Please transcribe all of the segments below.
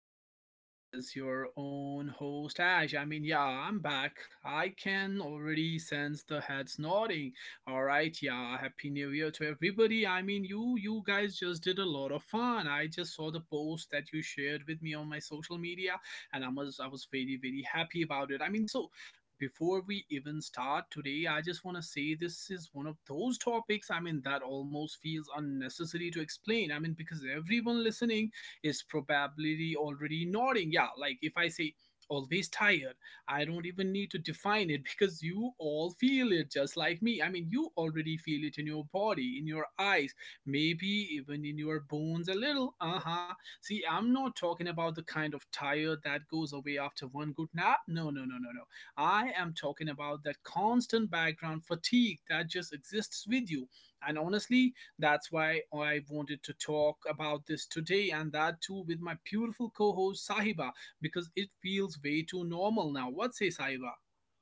know who this is. Your own host, Ash. I mean, yeah, I'm back. I can already sense the heads nodding. All right, yeah. Happy New Year to everybody. I mean, you guys just did a lot of fun. I just saw the post that you shared with me on my social media, and I was very, very happy about it. I mean, so before we even start today, I just want to say this is one of those topics, I mean, that almost feels unnecessary to explain. I mean, because everyone listening is probably already nodding. Yeah, like if I say always tired, I don't even need to define it because you all feel it just like me. I mean, you already feel it in your body, in your eyes, maybe even in your bones a little. Uh huh. See, I'm not talking about the kind of tired that goes away after one good nap. No, no, no, no, no. I am talking about that constant background fatigue that just exists with you. And honestly, that's why I wanted to talk about this today and that too with my beautiful co host Sahiba because it feels way too normal now. What say, Sahiba?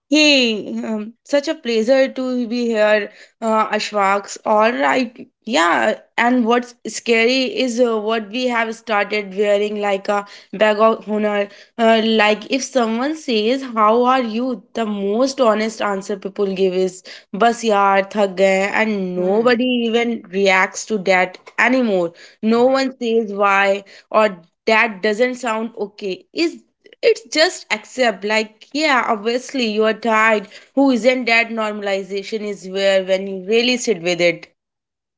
Hey, such a pleasure to be here, Ashwaks. All right, yeah. And what's scary is what we have started wearing like a bag of honor. Like if someone says, "How are you?" the most honest answer people give is, "Bas yaar, thak gaye," and nobody Hmm. even reacts to that anymore. No All one right. says why or that doesn't sound okay. Is it's just accept, like, yeah, obviously you're tired. Who isn't that normalization is where when you really sit with it.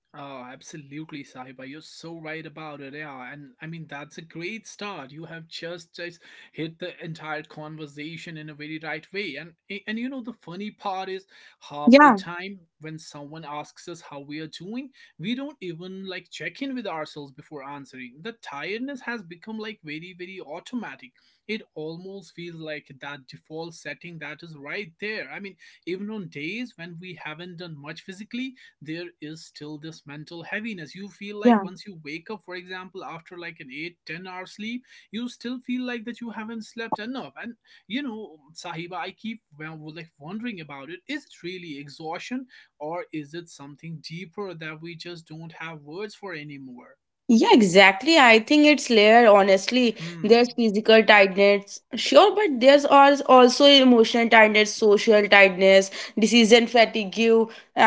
Oh, absolutely, Sahiba. You're so right about it. Yeah. And I mean, that's a great start. You have just hit the entire conversation in a very right way. And you know, the funny part is half the Yeah, time when someone asks us how we are doing, we don't even like check in with ourselves before answering. The tiredness has become like very, very automatic. It almost feels like that default setting that is right there. I mean, even on days when we haven't done much physically, there is still this mental heaviness. You feel yeah. like, once you wake up, for example, after like an eight, ten 10-hour sleep, you still feel like that you haven't slept enough. And you know, Sahiba, I keep, well, like, wondering about it. Is it really exhaustion, or is it something deeper that we just don't have words for anymore? Yeah, exactly. I think it's layered, honestly. There's Hmm. physical tightness, sure, but there's also emotional tightness, social tightness, decision fatigue,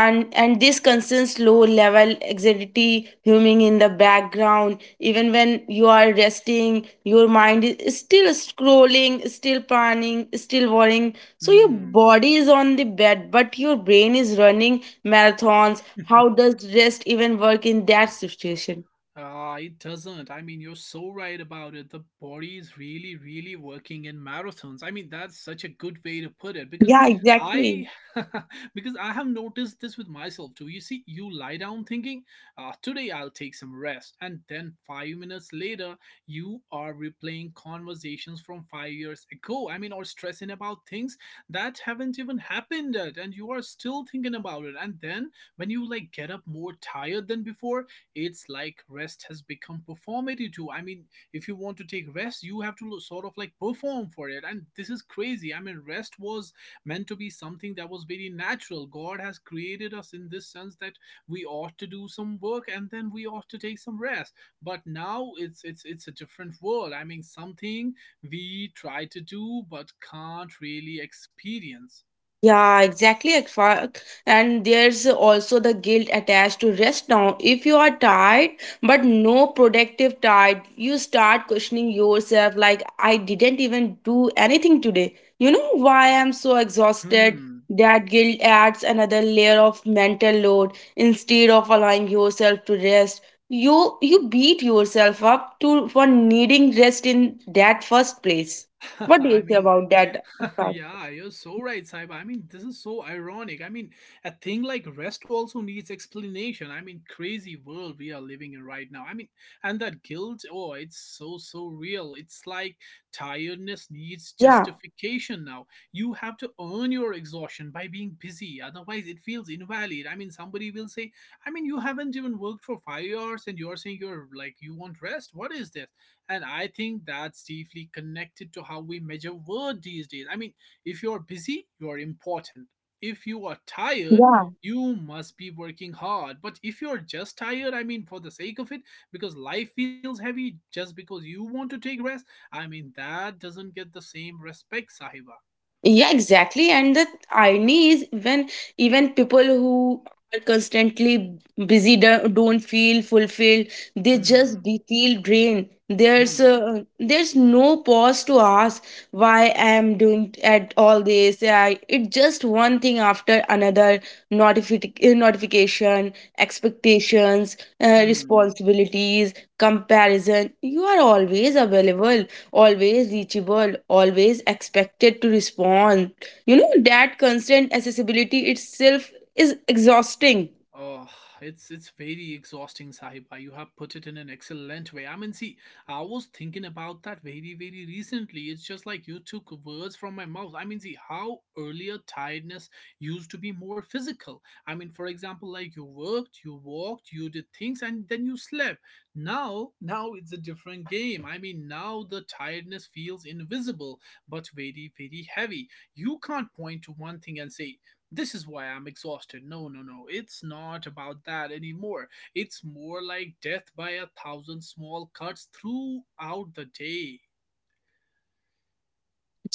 and this constant low level anxiety humming in the background. Even when you are resting, your mind is still scrolling, still planning, still worrying. So your Hmm. body is on the bed, but your brain is running marathons. How does rest even work in that situation? It doesn't. I mean, you're so right about it. The body is really, really working in marathons. I mean, that's such a good way to put it because Yeah, exactly. I, because I have noticed this with myself too. You see, you lie down thinking, today I'll take some rest, and then 5 minutes later, you are replaying conversations from 5 years ago. I mean, or stressing about things that haven't even happened yet, and you are still thinking about it. And then when you like get up more tired than before, it's like rest has become performative too. I mean, if you want to take rest, you have to sort of like perform for it. And this is crazy. I mean, rest was meant to be something that was very natural. God has created us in this sense that we ought to do some work and then we ought to take some rest. But now it's a different world. I mean, something we try to do but can't really experience. Yeah, exactly. And there's also the guilt attached to rest now. If you are tired, but no productive tired, you start questioning yourself like, I didn't even do anything today. You know why I'm so exhausted? Hmm. That guilt adds another layer of mental load instead of allowing yourself to rest. You beat yourself up to for needing rest in that first place. What do I you say mean, about that? Akash? yeah, you're so right, Saib. I mean, this is so ironic. I mean, a thing like rest also needs explanation. I mean, crazy world we are living in right now. I mean, and that guilt, oh, it's so, so real. It's like tiredness needs Yeah, justification now. You have to earn your exhaustion by being busy. Otherwise, it feels invalid. I mean, somebody will say, I mean, you haven't even worked for 5 hours and you're saying you're like, you want rest? What is this? And I think that's deeply connected to how we measure worth these days. I mean, if you're busy, you're important. If you are tired, yeah, you must be working hard. But if you're just tired, I mean, for the sake of it, because life feels heavy just because you want to take rest, I mean, that doesn't get the same respect, Sahiba. yeah, exactly. And the irony is when even people who are constantly busy don't feel fulfilled. They just Hmm, feel drained. Hmm, There's no pause to ask why I'm doing at all this. Yeah, it's just one thing after another. Notification, expectations, hmm. responsibilities, comparison. You are always available, always reachable, always expected to respond. You know that constant accessibility itself is exhausting. Oh, it's very exhausting, Sahiba. You have put it in an excellent way. I mean, see, I was thinking about that very, very recently. It's just like you took words from my mouth. I mean, see, how earlier tiredness used to be more physical. I mean, for example, like you worked, you walked, you did things, and then you slept. Now it's a different game. I mean, now the tiredness feels invisible, but very, very heavy. You can't point to one thing and say this is why I'm exhausted. No, no, no. It's not about that anymore. It's more like death by a thousand small cuts throughout the day.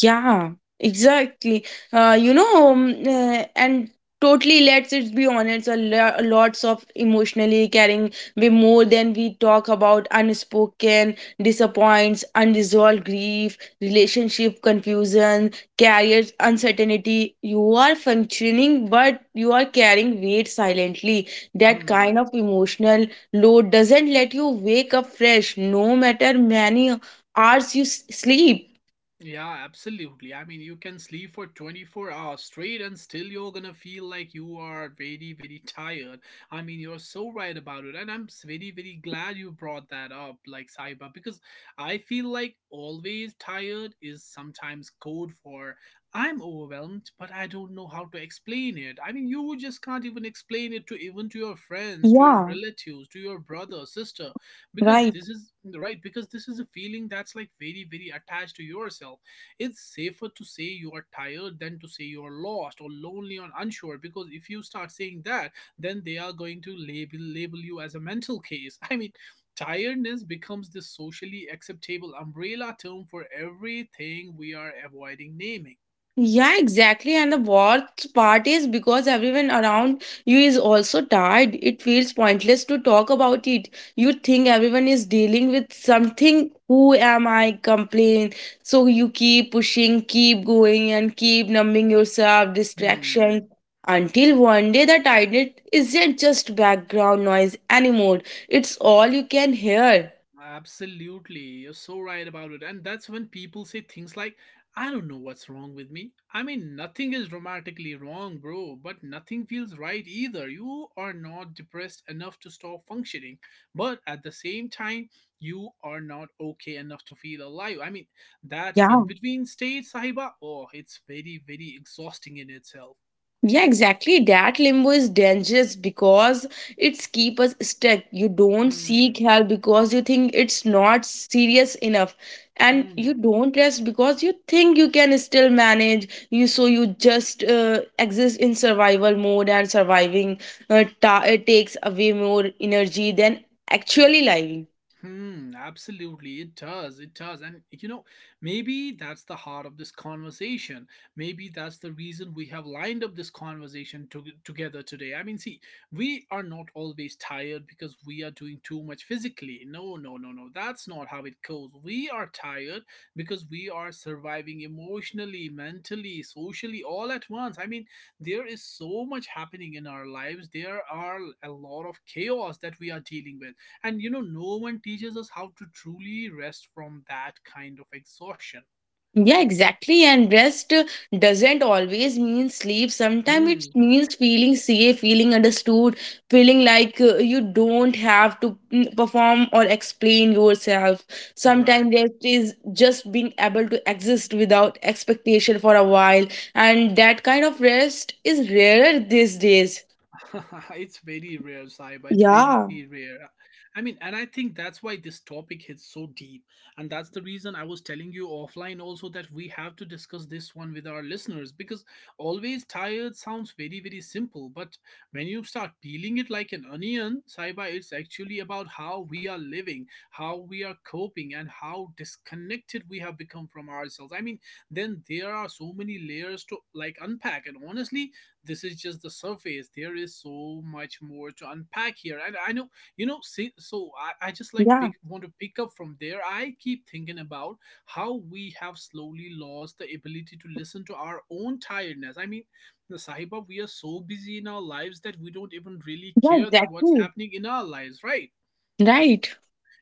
Yeah, exactly. And totally, let's it be honest, a lots of emotionally caring way more than we talk about unspoken disappoints, unresolved grief, relationship confusion, career uncertainty. You are functioning, but you are carrying weight silently. That kind Hmm. of emotional load doesn't let you wake up fresh, no matter many hours you sleep. Yeah, absolutely. I mean, you can sleep for 24 hours straight and still you're gonna feel like you are very, very tired. I mean, you're so right about it. And I'm very, very glad you brought that up, like Saiba, because I feel like always tired is sometimes code for I'm overwhelmed, but I don't know how to explain it. I mean, you just can't even explain it to, even to your friends, to your Yeah. relatives, to your brother, sister, because Right. this is right, because this is a feeling that's like very, very attached to yourself. It's safer to say you are tired than to say you are lost or lonely or unsure, because if you start saying that, then they are going to label you as a mental case. I mean, tiredness becomes the socially acceptable umbrella term for everything we are avoiding naming. Yeah, exactly. And the worst part is because everyone around you is also tired, it feels pointless to talk about it. You think everyone is dealing with something. Who am I? Complain. So you keep pushing, keep going, and keep numbing yourself, distraction. Hmm. Until one day the tiredness isn't just background noise anymore. It's all you can hear. Absolutely. You're so right about it. And that's when people say things like, I don't know what's wrong with me. I mean, nothing is dramatically wrong, bro, but nothing feels right either. You are not depressed enough to stop functioning, but at the same time, you are not okay enough to feel alive. I mean, that Yeah. in between state, Sahiba, oh, it's very, very exhausting in itself. Yeah, exactly. That limbo is dangerous because it's keep us stuck. You don't Hmm. seek help because you think it's not serious enough. And you Hmm. don't rest because you think you can still manage. You so you just exist in survival mode and surviving takes away more energy than actually living. Hmm, absolutely. It does. It does. And you know, maybe that's the heart of this conversation. Maybe that's the reason we have lined up this conversation together today. I mean, see, we are not always tired because we are doing too much physically. No, no, no, no. That's not how it goes. We are tired because we are surviving emotionally, mentally, socially, all at once. I mean, there is so much happening in our lives. There are a lot of chaos that we are dealing with. And you know, no one teaches us how to truly rest from that kind of exhaustion. Yeah, exactly. And rest doesn't always mean sleep. Sometimes it Hmm. means feeling safe, feeling understood, feeling like you don't have to perform or explain yourself. Right. Sometimes rest is just being able to exist without expectation for a while. And that kind of rest is rarer these days. It's very rare, Saiba. It's very Yeah, rare. I mean, and I think that's why this topic hits so deep. And that's the reason I was telling you offline also that we have to discuss this one with our listeners because always tired sounds very, very simple. But when you start peeling it like an onion, Saiba, it's actually about how we are living, how we are coping, and how disconnected we have become from ourselves. I mean, then there are so many layers to like unpack. And honestly, this is just the surface. There is so much more to unpack here. And I know, you know, see, so I just like yeah, pick want to pick up from there. I keep thinking about how we have slowly lost the ability to listen to our own tiredness. I mean, the Sahiba, we are so busy in our lives that we don't even really yeah, care that what's exactly. happening in our lives, right? Right.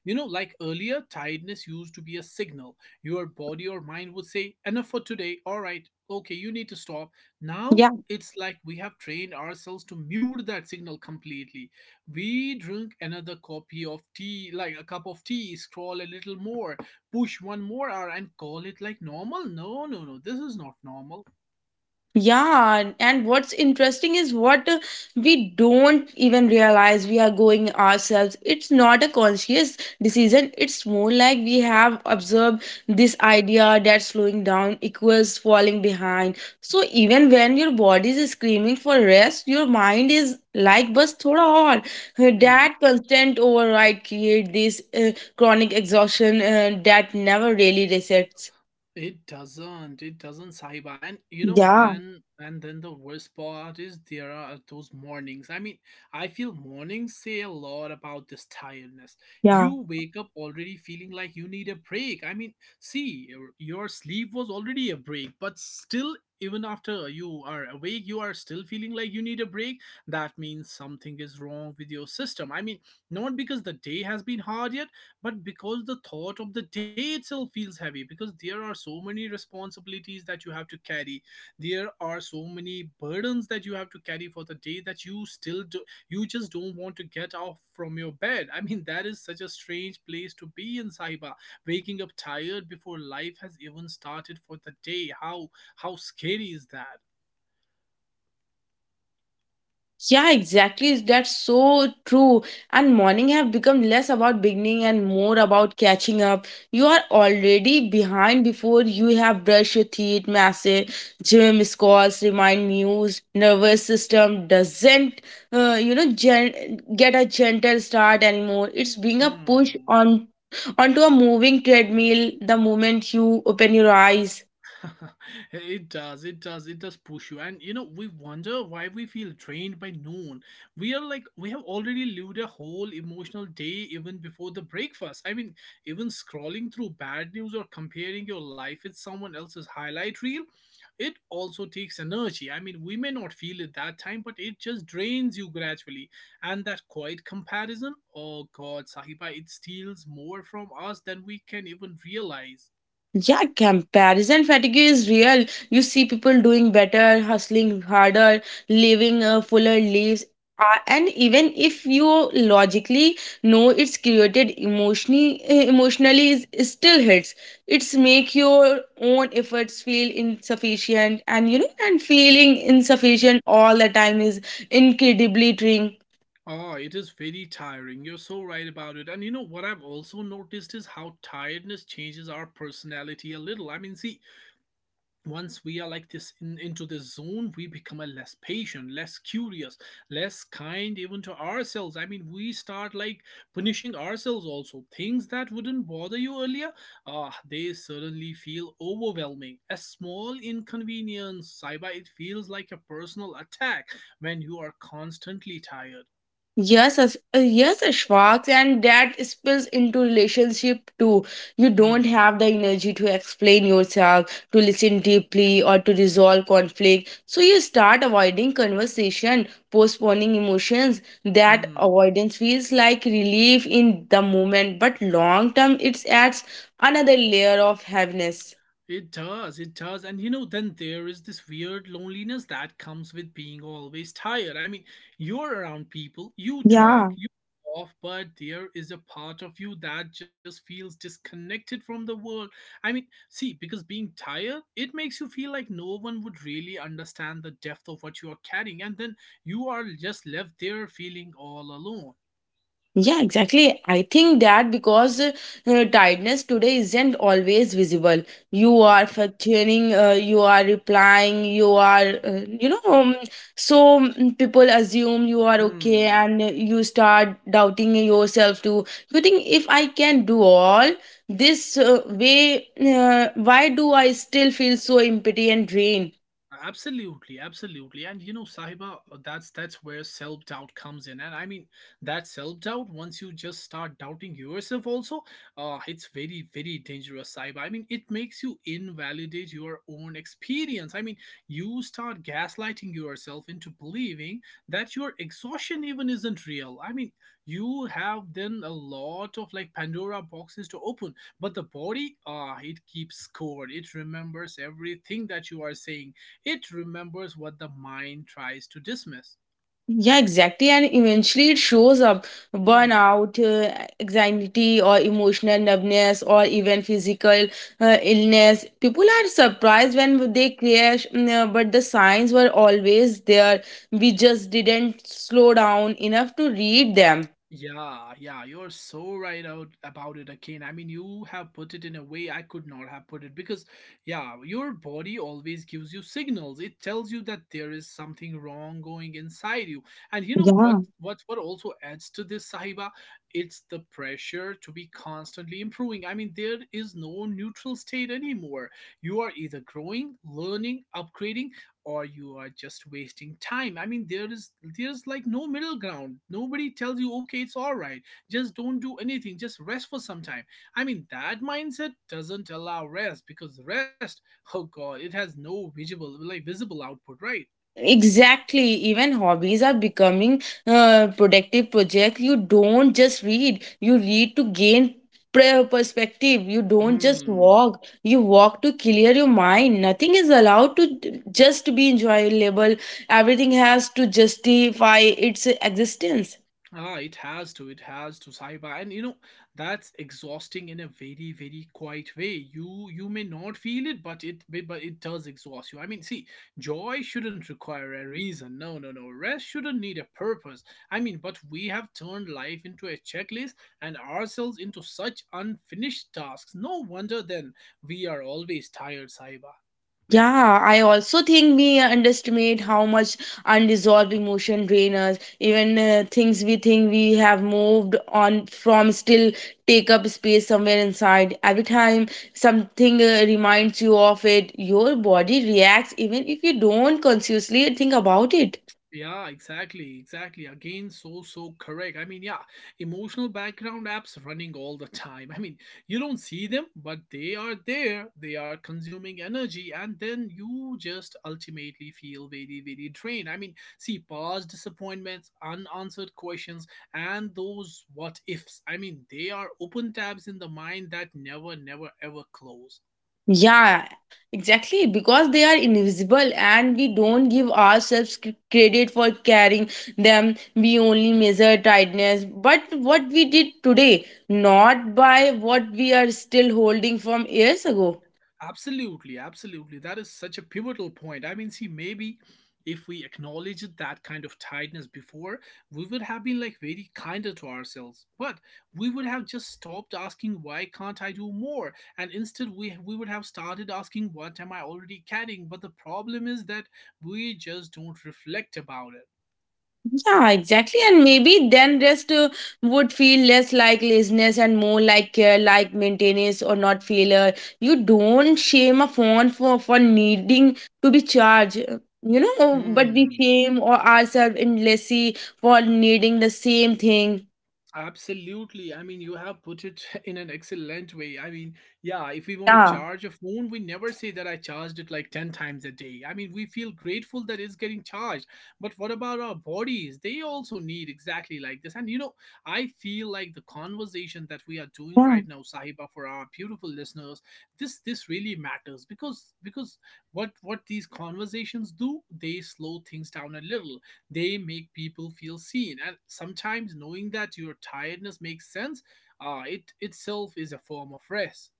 You know, like earlier, tiredness used to be a signal. Your body or mind would say, enough for today, all right, okay, you need to stop. Now, it's like we have trained ourselves to mute that signal completely. We drink another copy of tea, like a cup of tea, scroll a little more, push one more hour, and call it like normal. No, no, no, this is not normal. Yeah, and what's interesting is what we don't even realize we are going ourselves. It's not a conscious decision. It's more like we have observed this idea that slowing down equals falling behind. So even when your body is screaming for rest, your mind is like bus thoda aur. That constant override create this chronic exhaustion that never really resets. It doesn't. It doesn't, Saiba. And you know, Yeah, then the worst part is there are those mornings. I mean, I feel mornings say a lot about this tiredness. yeah. You wake up already feeling like you need a break. I mean, see, your sleep was already a break, but still even after you are awake you are still feeling like you need a break. That means something is wrong with your system. I mean, not because the day has been hard yet, but because the thought of the day itself feels heavy, because there are so many responsibilities that you have to carry. There are so many burdens that you have to carry for the day that you still do. You just don't want to get off from your bed. I mean, that is such a strange place to be in, Saiba. Waking up tired before life has even started for the day, how scary is that? Yeah, exactly. That's so true. And morning have become less about beginning and more about catching up. You are already behind before you have brushed your teeth, massive gym missed calls, remind news, nervous system doesn't, get a gentle start anymore. It's being a push Hmm. on onto a moving treadmill the moment you open your eyes. It does, it does, it does push you. And you know, we wonder why we feel drained by noon. We are like, we have already lived a whole emotional day even before the breakfast. I mean, even scrolling through bad news or comparing your life with someone else's highlight reel, it also takes energy. I mean, we may not feel it that time, but it just drains you gradually. And that quiet comparison, oh God, Sahiba, it steals more from us than we can even realize. Yeah, comparison fatigue is real. You see people doing better, hustling harder, living fuller lives. And even if you logically know it's created emotionally, emotionally is still hits. It's make your own efforts feel insufficient, and you know, and feeling insufficient all the time is incredibly draining. Oh, it is very tiring. You're so right about it. And you know what I've also noticed is how tiredness changes our personality a little. I mean, see, once we are like this in, into this zone, we become a less patient, less curious, less kind even to ourselves. I mean, we start like punishing ourselves also. Things that wouldn't bother you earlier, they suddenly feel overwhelming. A small inconvenience, Saiba, it feels like a personal attack when you are constantly tired. Yes, Ashfaq, and that spills into relationship too. You don't Hmm. have the energy to explain yourself, to listen deeply, or to resolve conflict. So you start avoiding conversation, postponing emotions. That Hmm, avoidance feels like relief in the moment, but long term, it adds another layer of heaviness. it does, it does. And you know, then there is this weird loneliness that comes with being always tired. I mean, you're around people, you Yeah, talk, you off, but there is a part of you that just feels disconnected from the world. I mean, see, because being tired, it makes you feel like no one would really understand the depth of what you are carrying, and then you are just left there feeling all alone. yeah, exactly. I think that because tiredness today isn't always visible. You are functioning, you are replying, you are, so people assume you are okay Hmm. and you start doubting yourself too. You think if I can do all this way, why do I still feel so empty and drained? Absolutely, absolutely. And you know, Sahiba, that's where self-doubt comes in. And I mean, that self-doubt, once you just start doubting yourself also, it's very, very dangerous, Sahiba. I mean, it makes you invalidate your own experience. I mean, you start gaslighting yourself into believing that your exhaustion even isn't real. I mean, you have then a lot of like Pandora boxes to open, but the body, it keeps score. It remembers everything that you are saying. It remembers what the mind tries to dismiss. Yeah, exactly. And eventually it shows up Mm. burnout, anxiety, or emotional numbness, or even physical illness. People are surprised when they crash, but the signs were always there. We just didn't slow down enough to read them. Yeah, yeah, you're so right out about it again. I mean, you have put it in a way I could not have put it because, yeah, your body always gives you signals. It tells you that there is something wrong going inside you. And you know what? What also adds to this, Sahiba? It's the pressure to be constantly improving. I mean, there is no neutral state anymore. You are either growing, learning, upgrading, or you are just wasting time. I mean, there's like no middle ground. Nobody tells you, okay, it's all right, just don't do anything, just rest for some time. I mean, that mindset doesn't allow rest, because rest, oh god, it has no visible, like, visible output, right? Exactly, even hobbies are becoming productive projects. You don't just read, you read to gain perspective. You don't just Hmm. walk, you walk to clear your mind. Nothing is allowed to just be enjoyable, everything has to justify its existence. Ah, it has to, Saiba. And you know, that's exhausting in a very, very quiet way. You may not feel it, but it does exhaust you. I mean, see, joy shouldn't require a reason. No, no, no. Rest shouldn't need a purpose. I mean, but we have turned life into a checklist and ourselves into such unfinished tasks. No wonder then we are always tired, Saiba. Yeah, I also think we underestimate how much unresolved emotion drain us. Even things we think we have moved on from still take up space somewhere inside. Every time something reminds you of it, your body reacts even if you don't consciously think about it. Yeah, exactly, exactly. Again, so, so correct. I mean, yeah, emotional background apps running all the time. I mean, you don't see them, but they are there. They are consuming energy, and then you just ultimately feel very, very drained. I mean, see, past disappointments, unanswered questions, and those what ifs. I mean, they are open tabs in the mind that never, never, ever close. Yeah, exactly. Because they are invisible and we don't give ourselves credit for carrying them. We only measure tightness. But what we did today, not by what we are still holding from years ago. Absolutely, absolutely. That is such a pivotal point. I mean, see, maybe if we acknowledged that kind of tiredness before, we would have been like very kinder to ourselves. But we would have just stopped asking, why can't I do more? And instead, we would have started asking, what am I already carrying? But the problem is that we just don't reflect about it. Yeah, exactly. And maybe then rest would feel less like laziness and more like care, like maintenance or not failure. You don't shame a phone for needing to be charged, but we Hmm. shame or ourselves endlessly for needing the same thing. Absolutely. I mean, you have put it in an excellent way. I mean, yeah, if we want to Yeah, charge a phone, we never say that I charged it like 10 times a day. I mean, we feel grateful that it's getting charged. But what about our bodies? They also need exactly like this. And you know, I feel like the conversation that we are doing yeah, right now, Sahiba, for our beautiful listeners, this really matters, because what these conversations do, they slow things down a little. They make people feel seen, and sometimes knowing that your tiredness makes sense, it itself is a form of rest.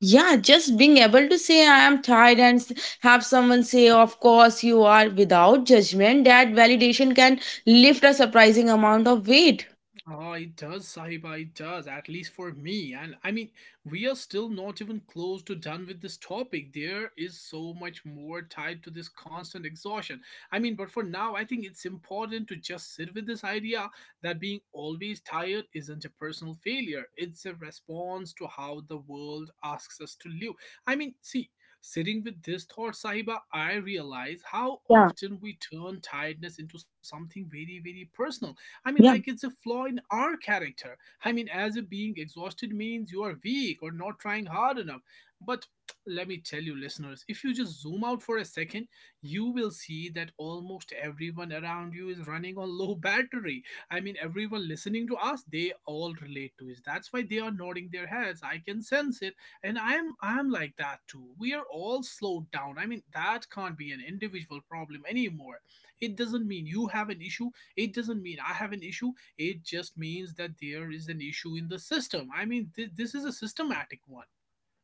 yeah, just being able to say I am tired and have someone say, of course you are, without judgment, that validation can lift a surprising amount of weight. Ah, it does, Sahiba, it does, at least for me. And I mean, we are still not even close to done with this topic. There is so much more tied to this constant exhaustion. I mean, but for now, I think it's important to just sit with this idea that being always tired isn't a personal failure, it's a response to how the world asks us to live. I mean, see, sitting with this thought, Sahiba, I realize how Yeah, often we turn tiredness into something very, very personal. I mean, like yeah. it's a flaw in our character. I mean, as a being exhausted means you are weak or not trying hard enough. But let me tell you, listeners, if you just zoom out for a second, you will see that almost everyone around you is running on low battery. I mean, everyone listening to us, they all relate to it. That's why they are nodding their heads. I can sense it, and I'm like that too. We are all slowed down. I mean, that can't be an individual problem anymore. It doesn't mean you have an issue. It doesn't mean I have an issue. It just means that there is an issue in the system. I mean, this is a systematic one.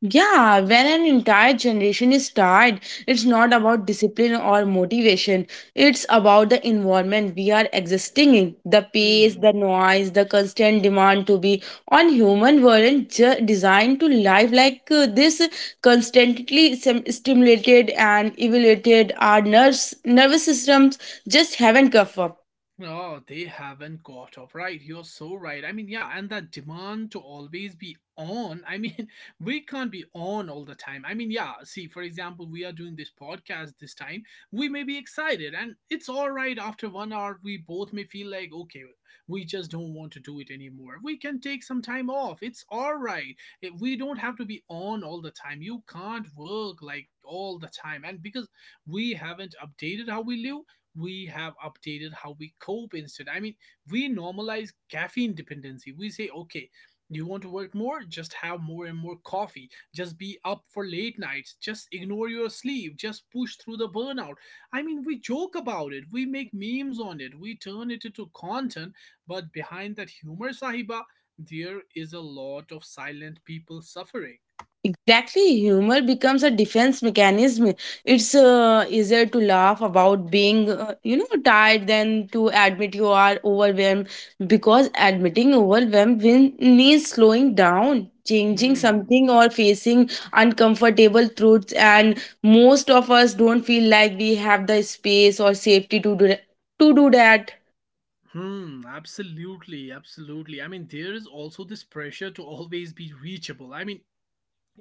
Yeah, when an entire generation is tired, it's not about discipline or motivation. It's about the environment we are existing in. The pace, the Hmm. noise, the constant demand to be on human weren't designed to live like this. Constantly stimulated and evaluated our nerves, nervous systems just haven't caught up. Oh, they haven't caught up. Right. You're so right. I mean, yeah, and that demand to always be on. I mean, we can't be on all the time. I mean, yeah, see, for example, we are doing this podcast this time. We may be excited, and it's all right. After 1 hour, we both may feel like, okay, we just don't want to do it anymore. We can take some time off. It's all right. We don't have to be on all the time. You can't work like all the time. And because we haven't updated how we live, we have updated how we cope instead. I mean, we normalize caffeine dependency. We say, okay, you want to work more? Just have more and more coffee. Just be up for late nights. Just ignore your sleep. Just push through the burnout. I mean, we joke about it. We make memes on it. We turn it into content. But behind that humor, Sahiba, there is a lot of silent people suffering. Exactly, humor becomes a defense mechanism. It's easier to laugh about being, tired than to admit you are overwhelmed because admitting overwhelmed means slowing down, changing Hmm. something, or facing uncomfortable truths. And most of us don't feel like we have the space or safety to do that, to do that. Hmm, absolutely, absolutely. I mean, there is also this pressure to always be reachable. I mean,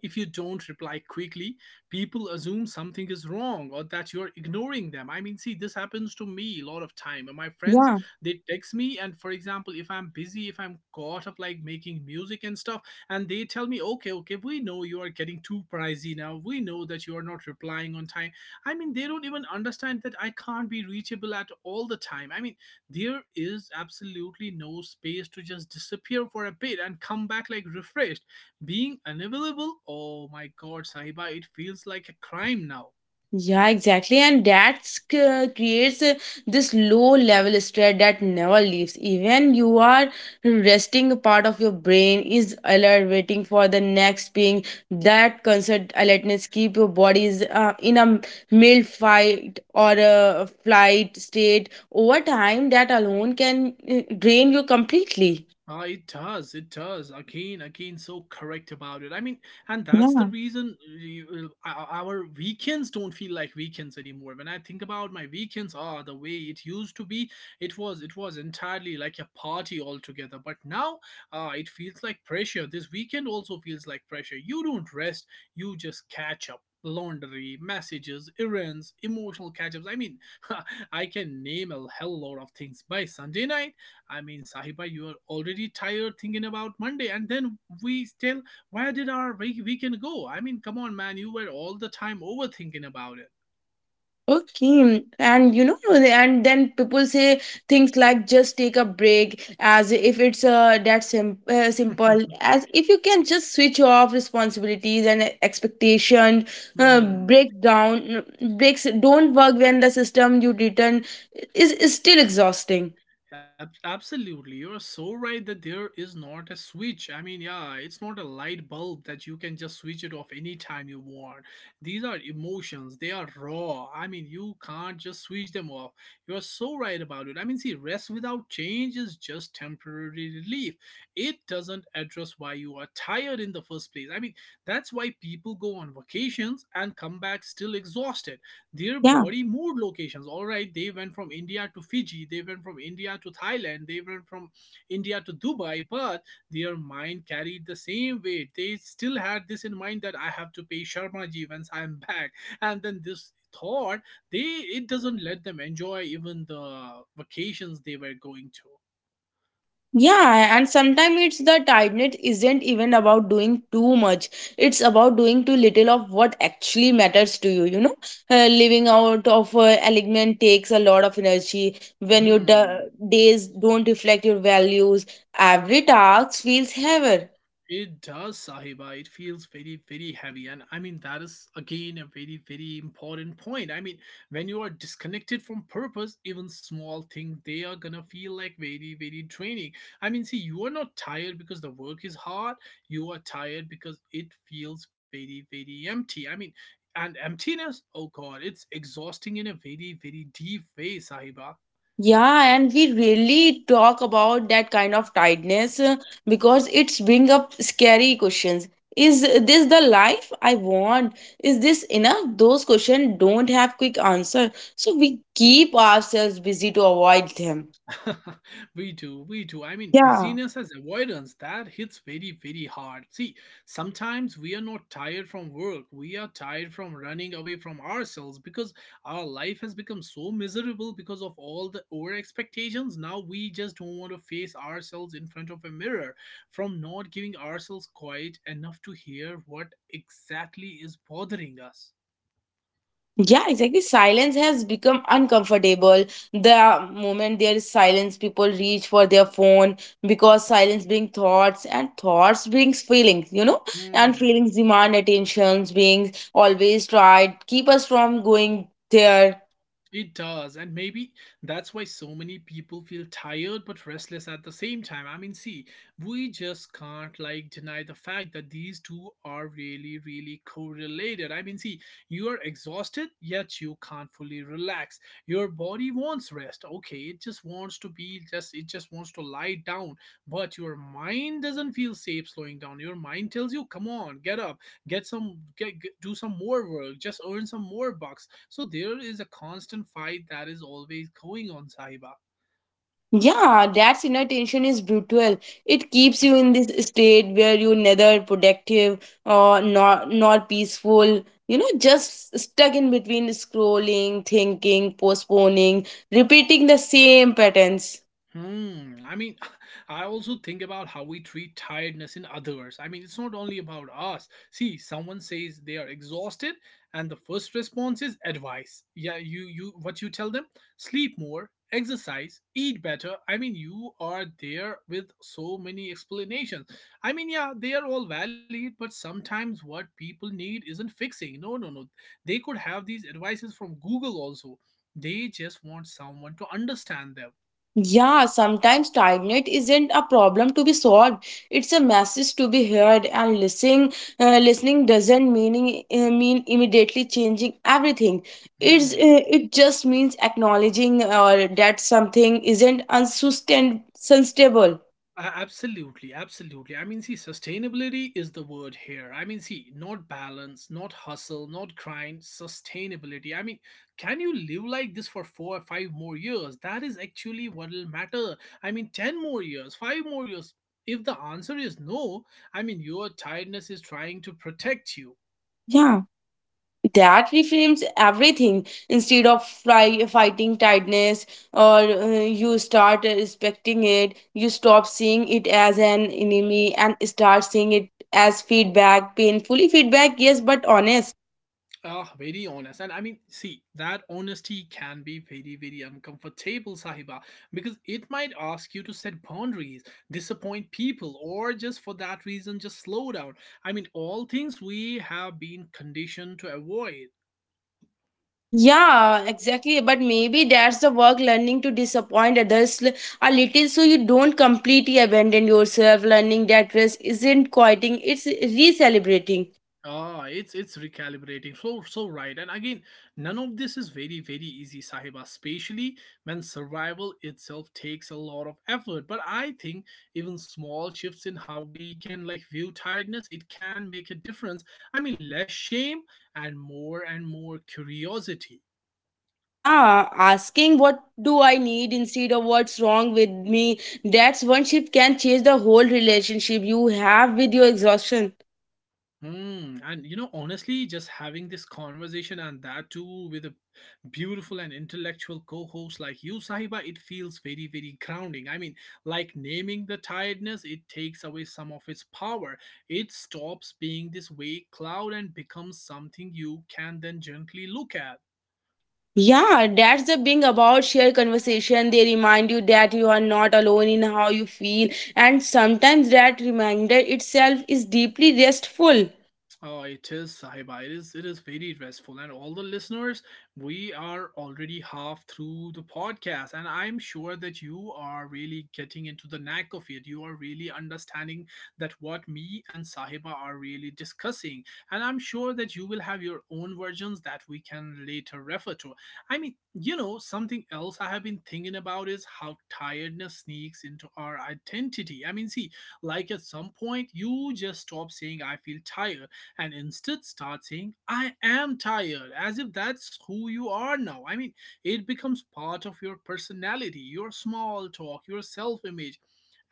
if you don't reply quickly, people assume something is wrong or that you're ignoring them. I mean, see, this happens to me a lot of time. And my friends, Yeah. they text me, and for example, if I'm busy, if I'm caught up like making music and stuff, and they tell me, okay, okay, we know you are getting too pricey now. We know that you are not replying on time. I mean, they don't even understand that I can't be reachable at all the time. I mean, there is absolutely no space to just disappear for a bit and come back like refreshed. Being unavailable, oh my god, Sahiba, it feels like a crime now. Yeah, exactly. And that creates this low level stress that never leaves. Even you are resting, a part of your brain is alert, waiting for the next ping. That constant alertness keep your bodies in a mild fight or a flight state. Over time, that alone can drain you completely. Ah, it does. It does. Again, again, so correct about it. I mean, and that's the Yeah. reason our weekends don't feel like weekends anymore. When I think about my weekends, the way it used to be, it was entirely like a party altogether. But now, it feels like pressure. This weekend also feels like pressure. You don't rest. You just catch up. Laundry, messages, errands, emotional catch ups. I mean, I can name a hell lot of things by Sunday night. I mean, Sahiba, you are already tired thinking about Monday, and then we still, where did our weekend go? I mean, come on, man, you were all the time overthinking about it. Okay, and you know, and then people say things like just take a break as if it's that simple, as if you can just switch off responsibilities and expectation, Hmm. break down, breaks don't work when the system you return is still exhausting. Absolutely, you're so right that there is not a switch. I mean, yeah, it's not a light bulb that you can just switch it off anytime you want. These are emotions, they are raw. I mean, you can't just switch them off. You're so right about it. I mean, see, rest without change is just temporary relief. It doesn't address why you are tired in the first place. I mean, that's why people go on vacations and come back still exhausted. Their Yeah. body moved locations, all right, they went from India to Fiji, they went from India to Thailand, they went from India to Dubai. But their mind carried the same weight. They still had this in mind that I have to pay Sharma ji once I am back. And then this thought, they it doesn't let them enjoy even the vacations they were going to. Yeah, and sometimes it's the tiredness isn't even about doing too much. It's about doing too little of what actually matters to you. You know, living out of alignment takes a lot of energy. When your Hmm. days don't reflect your values, every task feels heavier. It does, Sahiba. It feels very, very heavy. And I mean, that is again a very, very important point. I mean, when you are disconnected from purpose, even small things, they are gonna feel like very, very draining. I mean, see, you are not tired because the work is hard, you are tired because it feels very, very empty. I mean, and emptiness, oh god, it's exhausting in a very, very deep way, Sahiba. Yeah, and we really talk about that kind of tiredness because it's bring up scary questions. Is this the life I want? Is this enough? Those questions don't have quick answer, so we keep ourselves busy to avoid them. We do, we do. I mean, Yeah, busyness as avoidance, that hits very, very hard. See, sometimes we are not tired from work, we are tired from running away from ourselves because our life has become so miserable because of all the over expectations. Now we just don't want to face ourselves in front of a mirror from not giving ourselves quiet enough to hear what exactly is bothering us. yeah, exactly. Silence has become uncomfortable. The moment there is silence, people reach for their phone because silence brings thoughts and thoughts brings feelings, you know, and Hmm. feelings demand attentions, being always tried, keep us from going there. It does, and maybe that's why so many people feel tired but restless at the same time. I mean, see, we just can't like deny the fact that these two are really, really correlated. I mean, see, you are exhausted, yet you can't fully relax. Your body wants rest, okay? It just wants to lie down, but your mind doesn't feel safe slowing down. Your mind tells you, come on, get up, get do some more work, just earn some more bucks, so there is a constant fight that is always going on, Sahiba. Yeah, that inner tension is brutal. It keeps you in this state where you're neither productive or not peaceful. You know, just stuck in between scrolling, thinking, postponing, repeating the same patterns. Hmm. I mean, I also think about how we treat tiredness in others. I mean, it's not only about us. See, someone says they are exhausted, and the first response is advice. Yeah, what you tell them? Sleep more, exercise, eat better. I mean, you are there with so many explanations. I mean, yeah, they are all valid, but sometimes what people need isn't fixing. No, no, no. They could have these advices from Google also. They just want someone to understand them. Yeah, sometimes tiredness isn't a problem to be solved. It's a message to be heard, and listening, listening doesn't mean immediately changing everything. It's Hmm. It just means acknowledging that something isn't unsustainable. Absolutely, absolutely. I mean, see, sustainability is the word here. I mean, see, not balance, not hustle, not grind, sustainability. I mean, can you live like this for 4 or 5 more years? That is actually what will matter. I mean, 10 more years, 5 more years. If the answer is no, I mean, your tiredness is trying to protect you. Yeah. That reframes everything instead of fighting tiredness or you start respecting it. You stop seeing it as an enemy and start seeing it as feedback, painfully feedback, yes, but honest. Ah, very honest. And I mean, see, that honesty can be very, very uncomfortable, Sahiba, because it might ask you to set boundaries, disappoint people, or just for that reason, just slow down. I mean, all things we have been conditioned to avoid. Yeah, exactly. But maybe that's the work: learning to disappoint others a little so you don't completely abandon yourself, learning that rest isn't quieting, it's re-celebrating. Ah, it's recalibrating. So right. And again, none of this is very very easy, Sahiba. Especially when survival itself takes a lot of effort. But I think even small shifts in how we can like view tiredness, it can make a difference. I mean, less shame and more curiosity. Yeah, asking what do I need instead of what's wrong with me. That's one shift can change the whole relationship you have with your exhaustion. Hmm, and you know, honestly, just having this conversation and that too with a beautiful and intellectual co-host like you, Sahiba, it feels very, very grounding. I mean, like naming the tiredness, it takes away some of its power. It stops being this vague cloud and becomes something you can then gently look at. Yeah, that's the thing about shared conversation. They remind you that you are not alone in how you feel, and sometimes that reminder itself is deeply restful. Oh, it is, Sahiba. It is very restful. And all the listeners, we are already half through the podcast. And I'm sure that you are really getting into the knack of it. You are really understanding that what me and Sahiba are really discussing. And I'm sure that you will have your own versions that we can later refer to. I mean, you know, something else I have been thinking about is how tiredness sneaks into our identity. I mean, see, like at some point you just stop saying I feel tired and instead start saying, I am tired, as if that's who you are now. I mean, it becomes part of your personality, your small talk, your self image.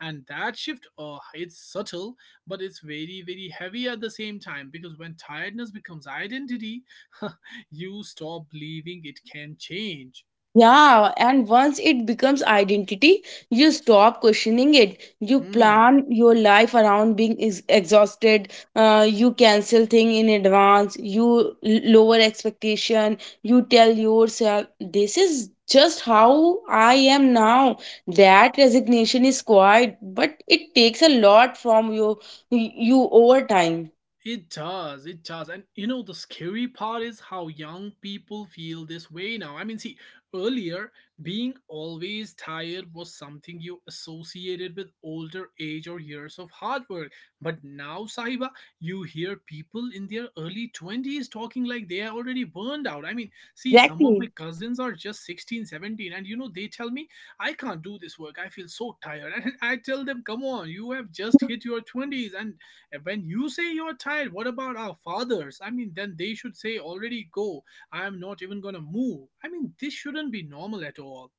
And that shift, it's subtle, but it's very, very heavy at the same time because when tiredness becomes identity, you stop believing it can change. Yeah, and once it becomes identity, you stop questioning it. You Hmm. plan your life around being exhausted. You cancel thing in advance. You lower expectation. You tell yourself, "This is just how I am now." That resignation is quiet, but it takes a lot from you over time. It does, it does. And you know, the scary part is how young people feel this way now. I mean, see, earlier, being always tired was something you associated with older age or years of hard work. But now, Sahiba, you hear people in their early 20's talking like they are already burned out. I mean, see, some of my Exactly. cousins are just 16, 17, and you know, they tell me, I can't do this work. I feel so tired. And I tell them, come on, you have just hit your 20's, and when you say you're tired, what about our fathers? I mean, then they should say, already go. I'm not even gonna move. I mean, this shouldn't be normal at all.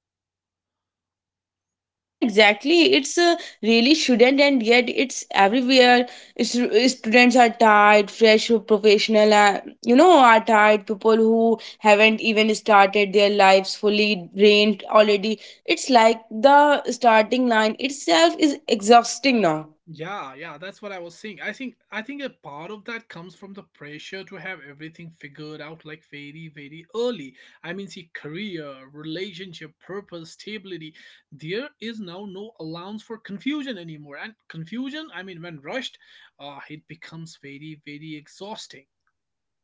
Yeah, exactly. It's really shouldn't, and yet it's everywhere. It's, Students are tired, fresh professional, are tired. People who haven't even started their lives fully drained already. It's like the starting line itself is exhausting now. Yeah, yeah, that's what I was saying. I think a part of that comes from the pressure to have everything figured out like very, very early. I mean, see, career, relationship, purpose, stability. There is now no allowance for confusion anymore. And confusion, I mean, when rushed, it becomes very, very exhausting.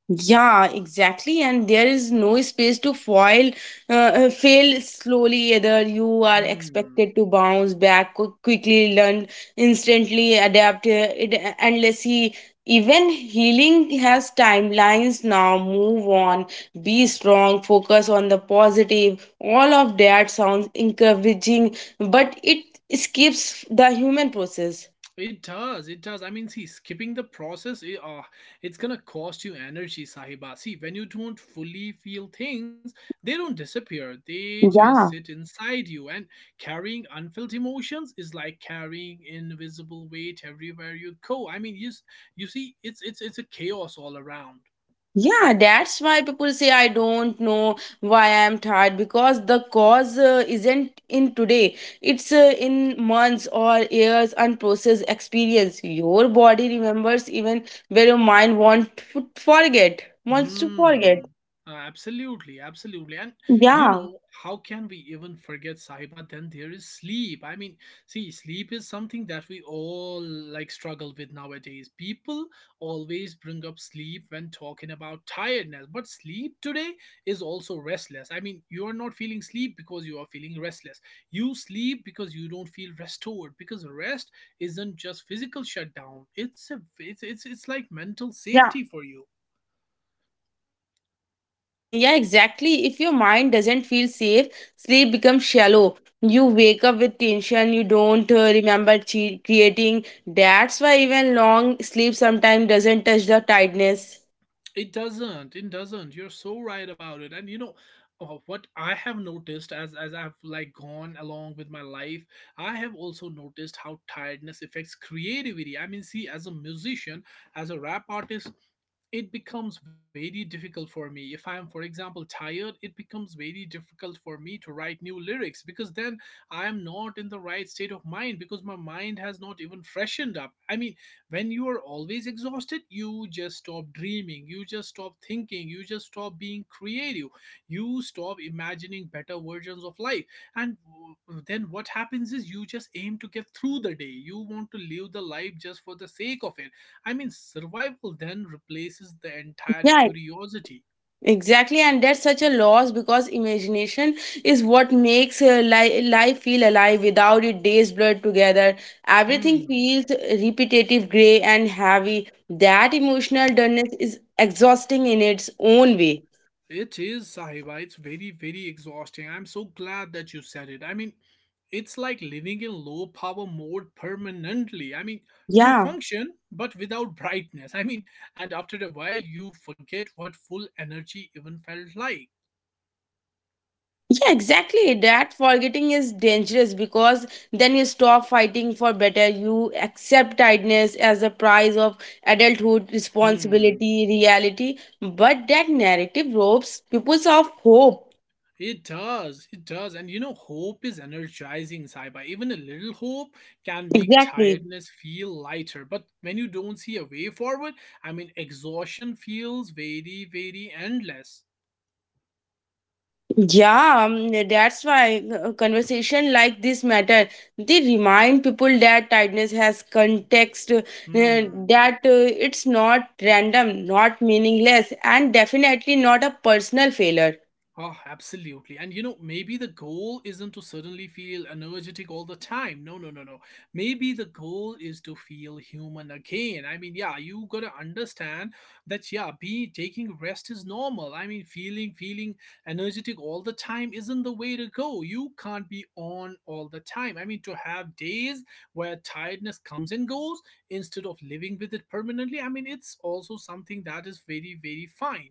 Yeah, exactly. And there is no space to fail slowly. Either you are Mm. expected to bounce back quickly, learn instantly, adapt. It, unless he, Even healing has timelines now. Move on, be strong, focus on the positive. All of that sounds encouraging, but it skips the human process. It does. It does. I mean, see, skipping the process, it's gonna cost you energy, Sahiba. See, when you don't fully feel things, they don't disappear. They just sit Yeah. inside you. And carrying unfelt emotions is like carrying invisible weight everywhere you go. I mean, you see, it's a chaos all around. Yeah, that's why people say I don't know why I'm tired, because the cause isn't in today. It's in months or years unprocessed experience. Your body remembers even where your mind wants to forget, wants to forget. Mm, absolutely, absolutely. And you Yeah, know, how can we even forget Sahiba? Then there is sleep. I mean, see, sleep is something that we all like struggle with nowadays. People always bring up sleep when talking about tiredness, but sleep today is also restless. I mean, you are not feeling sleep because you are feeling restless. You sleep because you don't feel restored, because rest isn't just physical shutdown. It's a it's it's like mental yeah. safety for you. Yeah, exactly. If your mind doesn't feel safe, sleep becomes shallow. You wake up with tension, you don't remember creating. That's why even long sleep sometimes doesn't touch the tiredness. It doesn't. It doesn't. You're so right about it. And you know, what I have noticed as I've like gone along with my life, I have also noticed how tiredness affects creativity. I mean, see, as a musician, as a rap artist, it becomes very difficult for me if I'm for example tired. It becomes very difficult for me to write new lyrics because then I am not in the right state of mind because my mind has not even freshened up. I mean, when you are always exhausted, you just stop dreaming, you just stop thinking, you just stop being creative. You stop imagining better versions of life. And then what happens is you just aim to get through the day, you want to live the life just for the sake of it. I mean, survival then replaces the entire Yeah, curiosity. exactly. And that's such a loss because imagination is what makes life feel alive. Without it, days blur together. Everything Hmm. feels repetitive, gray, and heavy. That emotional dullness is exhausting in its own way. It is, Sahiba. It's very, very exhausting. I'm so glad that you said it. I mean, it's like living in low power mode permanently. I mean, you Yeah. function, but without brightness. I mean, and after a while, you forget what full energy even felt like. Yeah, exactly. That forgetting is dangerous because then you stop fighting for better. You accept tiredness as a price of adulthood, Hmm. responsibility, reality. But that narrative robs people of hope. It does, it does. And you know, hope is energizing, Saiba. Even a little hope can make Exactly. tiredness feel lighter. But when you don't see a way forward, I mean, exhaustion feels very, very endless. Yeah, that's why conversation like this matter. They remind people that tiredness has context, Hmm. that it's not random, not meaningless, and definitely not a personal failure. Oh, absolutely. And you know, maybe the goal isn't to suddenly feel energetic all the time. No, no, no, no. Maybe the goal is to feel human again. I mean, yeah, you got to understand that yeah, be taking rest is normal. I mean, feeling energetic all the time isn't the way to go. You can't be on all the time. I mean, to have days where tiredness comes and goes instead of living with it permanently. I mean, it's also something that is very very fine.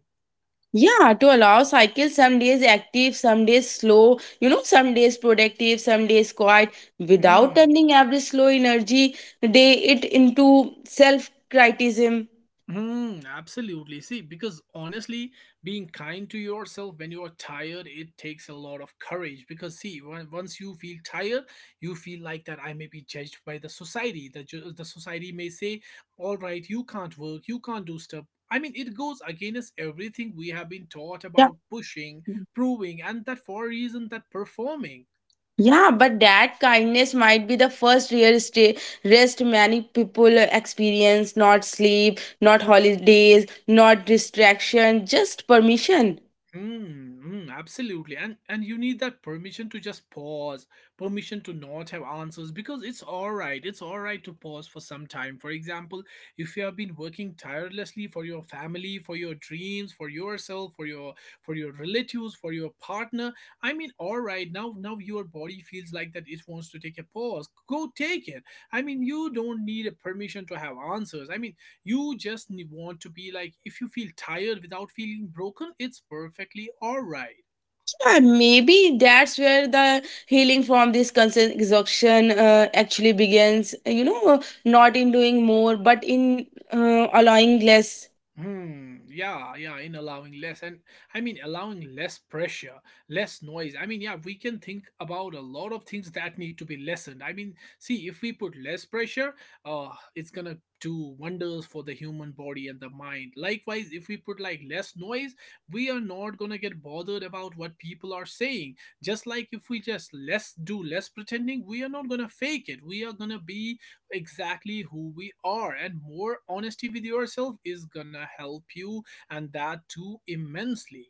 Yeah, to allow cycle: some days active, some days slow, you know, some days productive, some days quiet, without Hmm. turning every slow energy day it into self criticism. Hmm, absolutely. See, because honestly, being kind to yourself when you are tired, it takes a lot of courage. Because see, once you feel tired, you feel like that I may be judged by the society. The society may say, "All right, you can't work, you can't do stuff." I mean, it goes against everything we have been taught Yeah. about pushing, proving, and that for a reason that performing. Yeah, but that kindness might be the first rest many people experience, not sleep, not holidays, not distraction, just permission. Mm, mm, absolutely. And you need that permission to just pause, permission to not have answers because it's all right. It's all right to pause for some time. For example, if you have been working tirelessly for your family, for your dreams, for yourself, for your relatives, for your partner, I mean, all right, now your body feels like that it wants to take a pause. Go take it. I mean, you don't need a permission to have answers. I mean, want to be like, if you feel tired without feeling broken, it's perfectly all right. And maybe that's where the healing from this constant exhaustion actually begins. You know, not in doing more, but in allowing less. Hmm. Yeah. Yeah. In allowing less, and I mean allowing less pressure, less noise. I mean, yeah, we can think about a lot of things that need to be lessened. I mean, see, if we put less pressure, uh, it's gonna do wonders for the human body and the mind. Likewise, if we put like less noise, we are not gonna get bothered about what people are saying. Just like if we just less do less pretending, we are not gonna fake it. We are gonna be exactly who we are and more honesty with yourself is gonna help you, and that too immensely.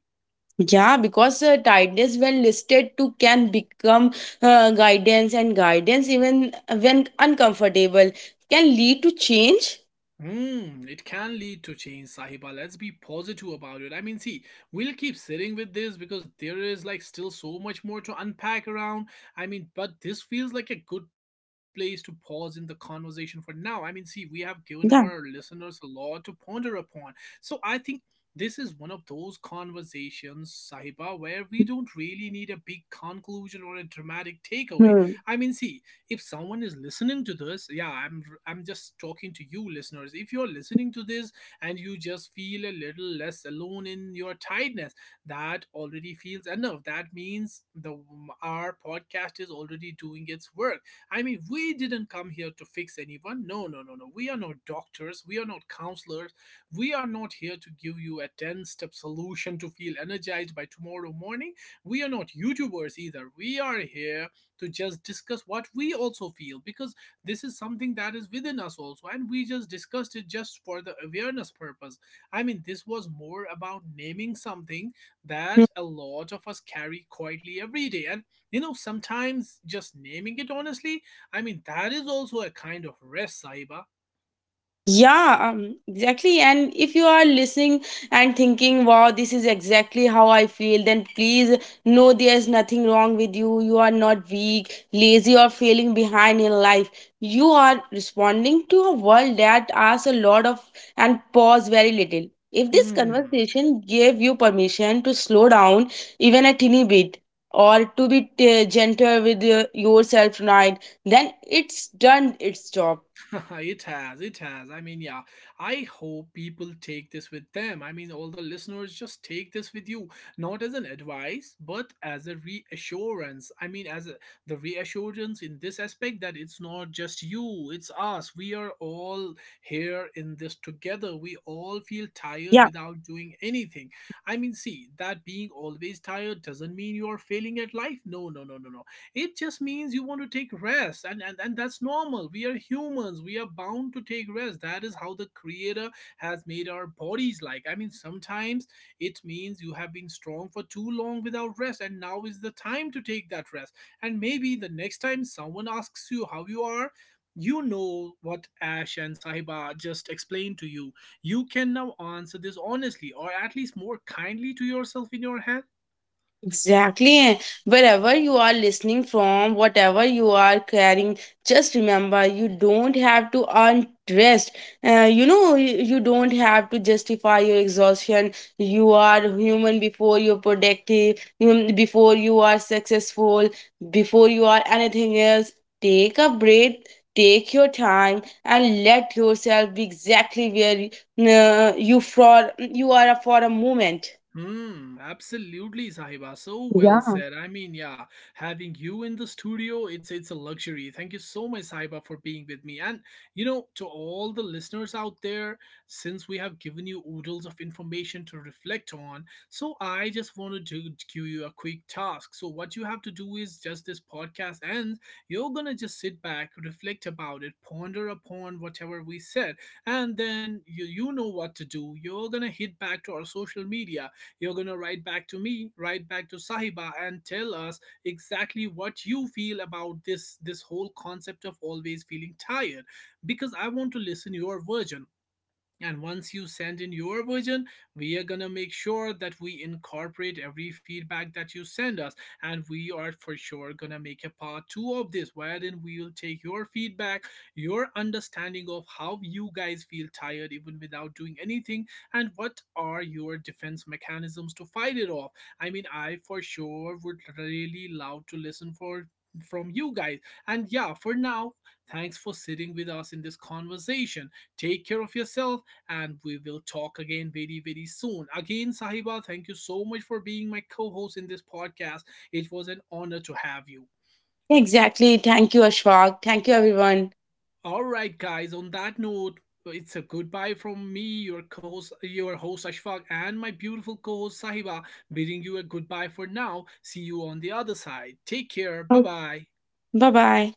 Yeah, because tightness, when listed to, can become guidance, and guidance, even when uncomfortable, can lead to change. Hmm, it can lead to change, Sahiba. Let's be positive about it. I mean, see, we'll keep sitting with this because there is like still so much more to unpack around. I mean, but this feels like a good place to pause in the conversation for now. I mean, see, we have given our Yeah. listeners a lot to ponder upon. So I think this is one of those conversations, Sahiba, where we don't really need a big conclusion or a dramatic takeaway. Hmm. I mean, see, if someone is listening to this, yeah, I'm just talking to you listeners, if you're listening to this and you just feel a little less alone in your tiredness, that already feels enough. That means the our podcast is already doing its work. I mean, we didn't come here to fix anyone. No, no, no, no, we are not doctors, we are not counselors, we are not here to give you a 10 step solution to feel energized by tomorrow morning. We are not youtubers either. We are here to just discuss what we also feel, because this is something that is within us also, and we just discussed it just for the awareness purpose. I mean, this was more about naming something that a lot of us carry quietly every day. And you know, sometimes just naming it honestly, I mean, that is also a kind of rest, Saiba. Yeah, exactly. And if you are listening and thinking, wow, this is exactly how I feel, then please know there's nothing wrong with you. You are not weak, lazy, or feeling behind in life. You are responding to a world that asks a lot of and pause very little. If this Hmm. conversation gave you permission to slow down even a teeny bit, or to be gentle with yourself tonight, then it's done its job. It has, it has. I mean, yeah, I hope people take this with them. I mean, all the listeners, just take this with you, not as an advice, but as a reassurance. I mean, as a, the reassurance in this aspect that it's not just you, it's us. We are all here in this together. We all feel tired Yeah. without doing anything. I mean, see, that being always tired doesn't mean you are failing at life. No, no, no, no, no, it just means you want to take rest. And that's normal. We are humans, we are bound to take rest. That is how the creator has made our bodies, like. I mean, sometimes it means you have been strong for too long without rest and now is the time to take that rest. And maybe the next time someone asks you how you are, you know what Ash and Sahiba just explained to you. You can now answer this honestly or at least more kindly to yourself in your head. Exactly. Wherever you are listening from, whatever you are carrying, just remember you don't have to earn rest. You know, you don't have to justify your exhaustion. You are human before you're productive, before you are successful, before you are anything else. Take a breath, take your time, and let yourself be exactly where you are for a moment. Hmm, absolutely, Sahiba. So well Yeah. said. I mean, yeah, having you in the studio, it's a luxury. Thank you so much, Sahiba, for being with me. And you know, to all the listeners out there, since we have given you oodles of information to reflect on, so I just wanted to give you a quick task. So what you have to do is, just this podcast ends, you're gonna just sit back, reflect about it, ponder upon whatever we said, and then you know what to do. You're gonna hit back to our social media, you're going to write back to me, write back to Sahiba, and tell us exactly what you feel about this whole concept of always feeling tired, because I want to listen your version. And once you send in your version, we are gonna make sure that we incorporate every feedback that you send us. And we are for sure gonna make a part two of this, wherein we will take your feedback, your understanding of how you guys feel tired even without doing anything, and what are your defense mechanisms to fight it off. I mean, I for sure would really love to listen for from you guys. And yeah, for now, thanks for sitting with us in this conversation. Take care of yourself and we will talk again very, very soon. Again, Sahiba, thank you so much for being my co host in this podcast. It was an honor to have you. Exactly. Thank you, Ashfaq. Thank you, everyone. All right, guys, on that note, it's a goodbye from me, your co-host, your host Ashfaq, and my beautiful co-host Sahiba, bidding you a goodbye for now. See you on the other side. Take care. Bye Oh, bye. bye bye.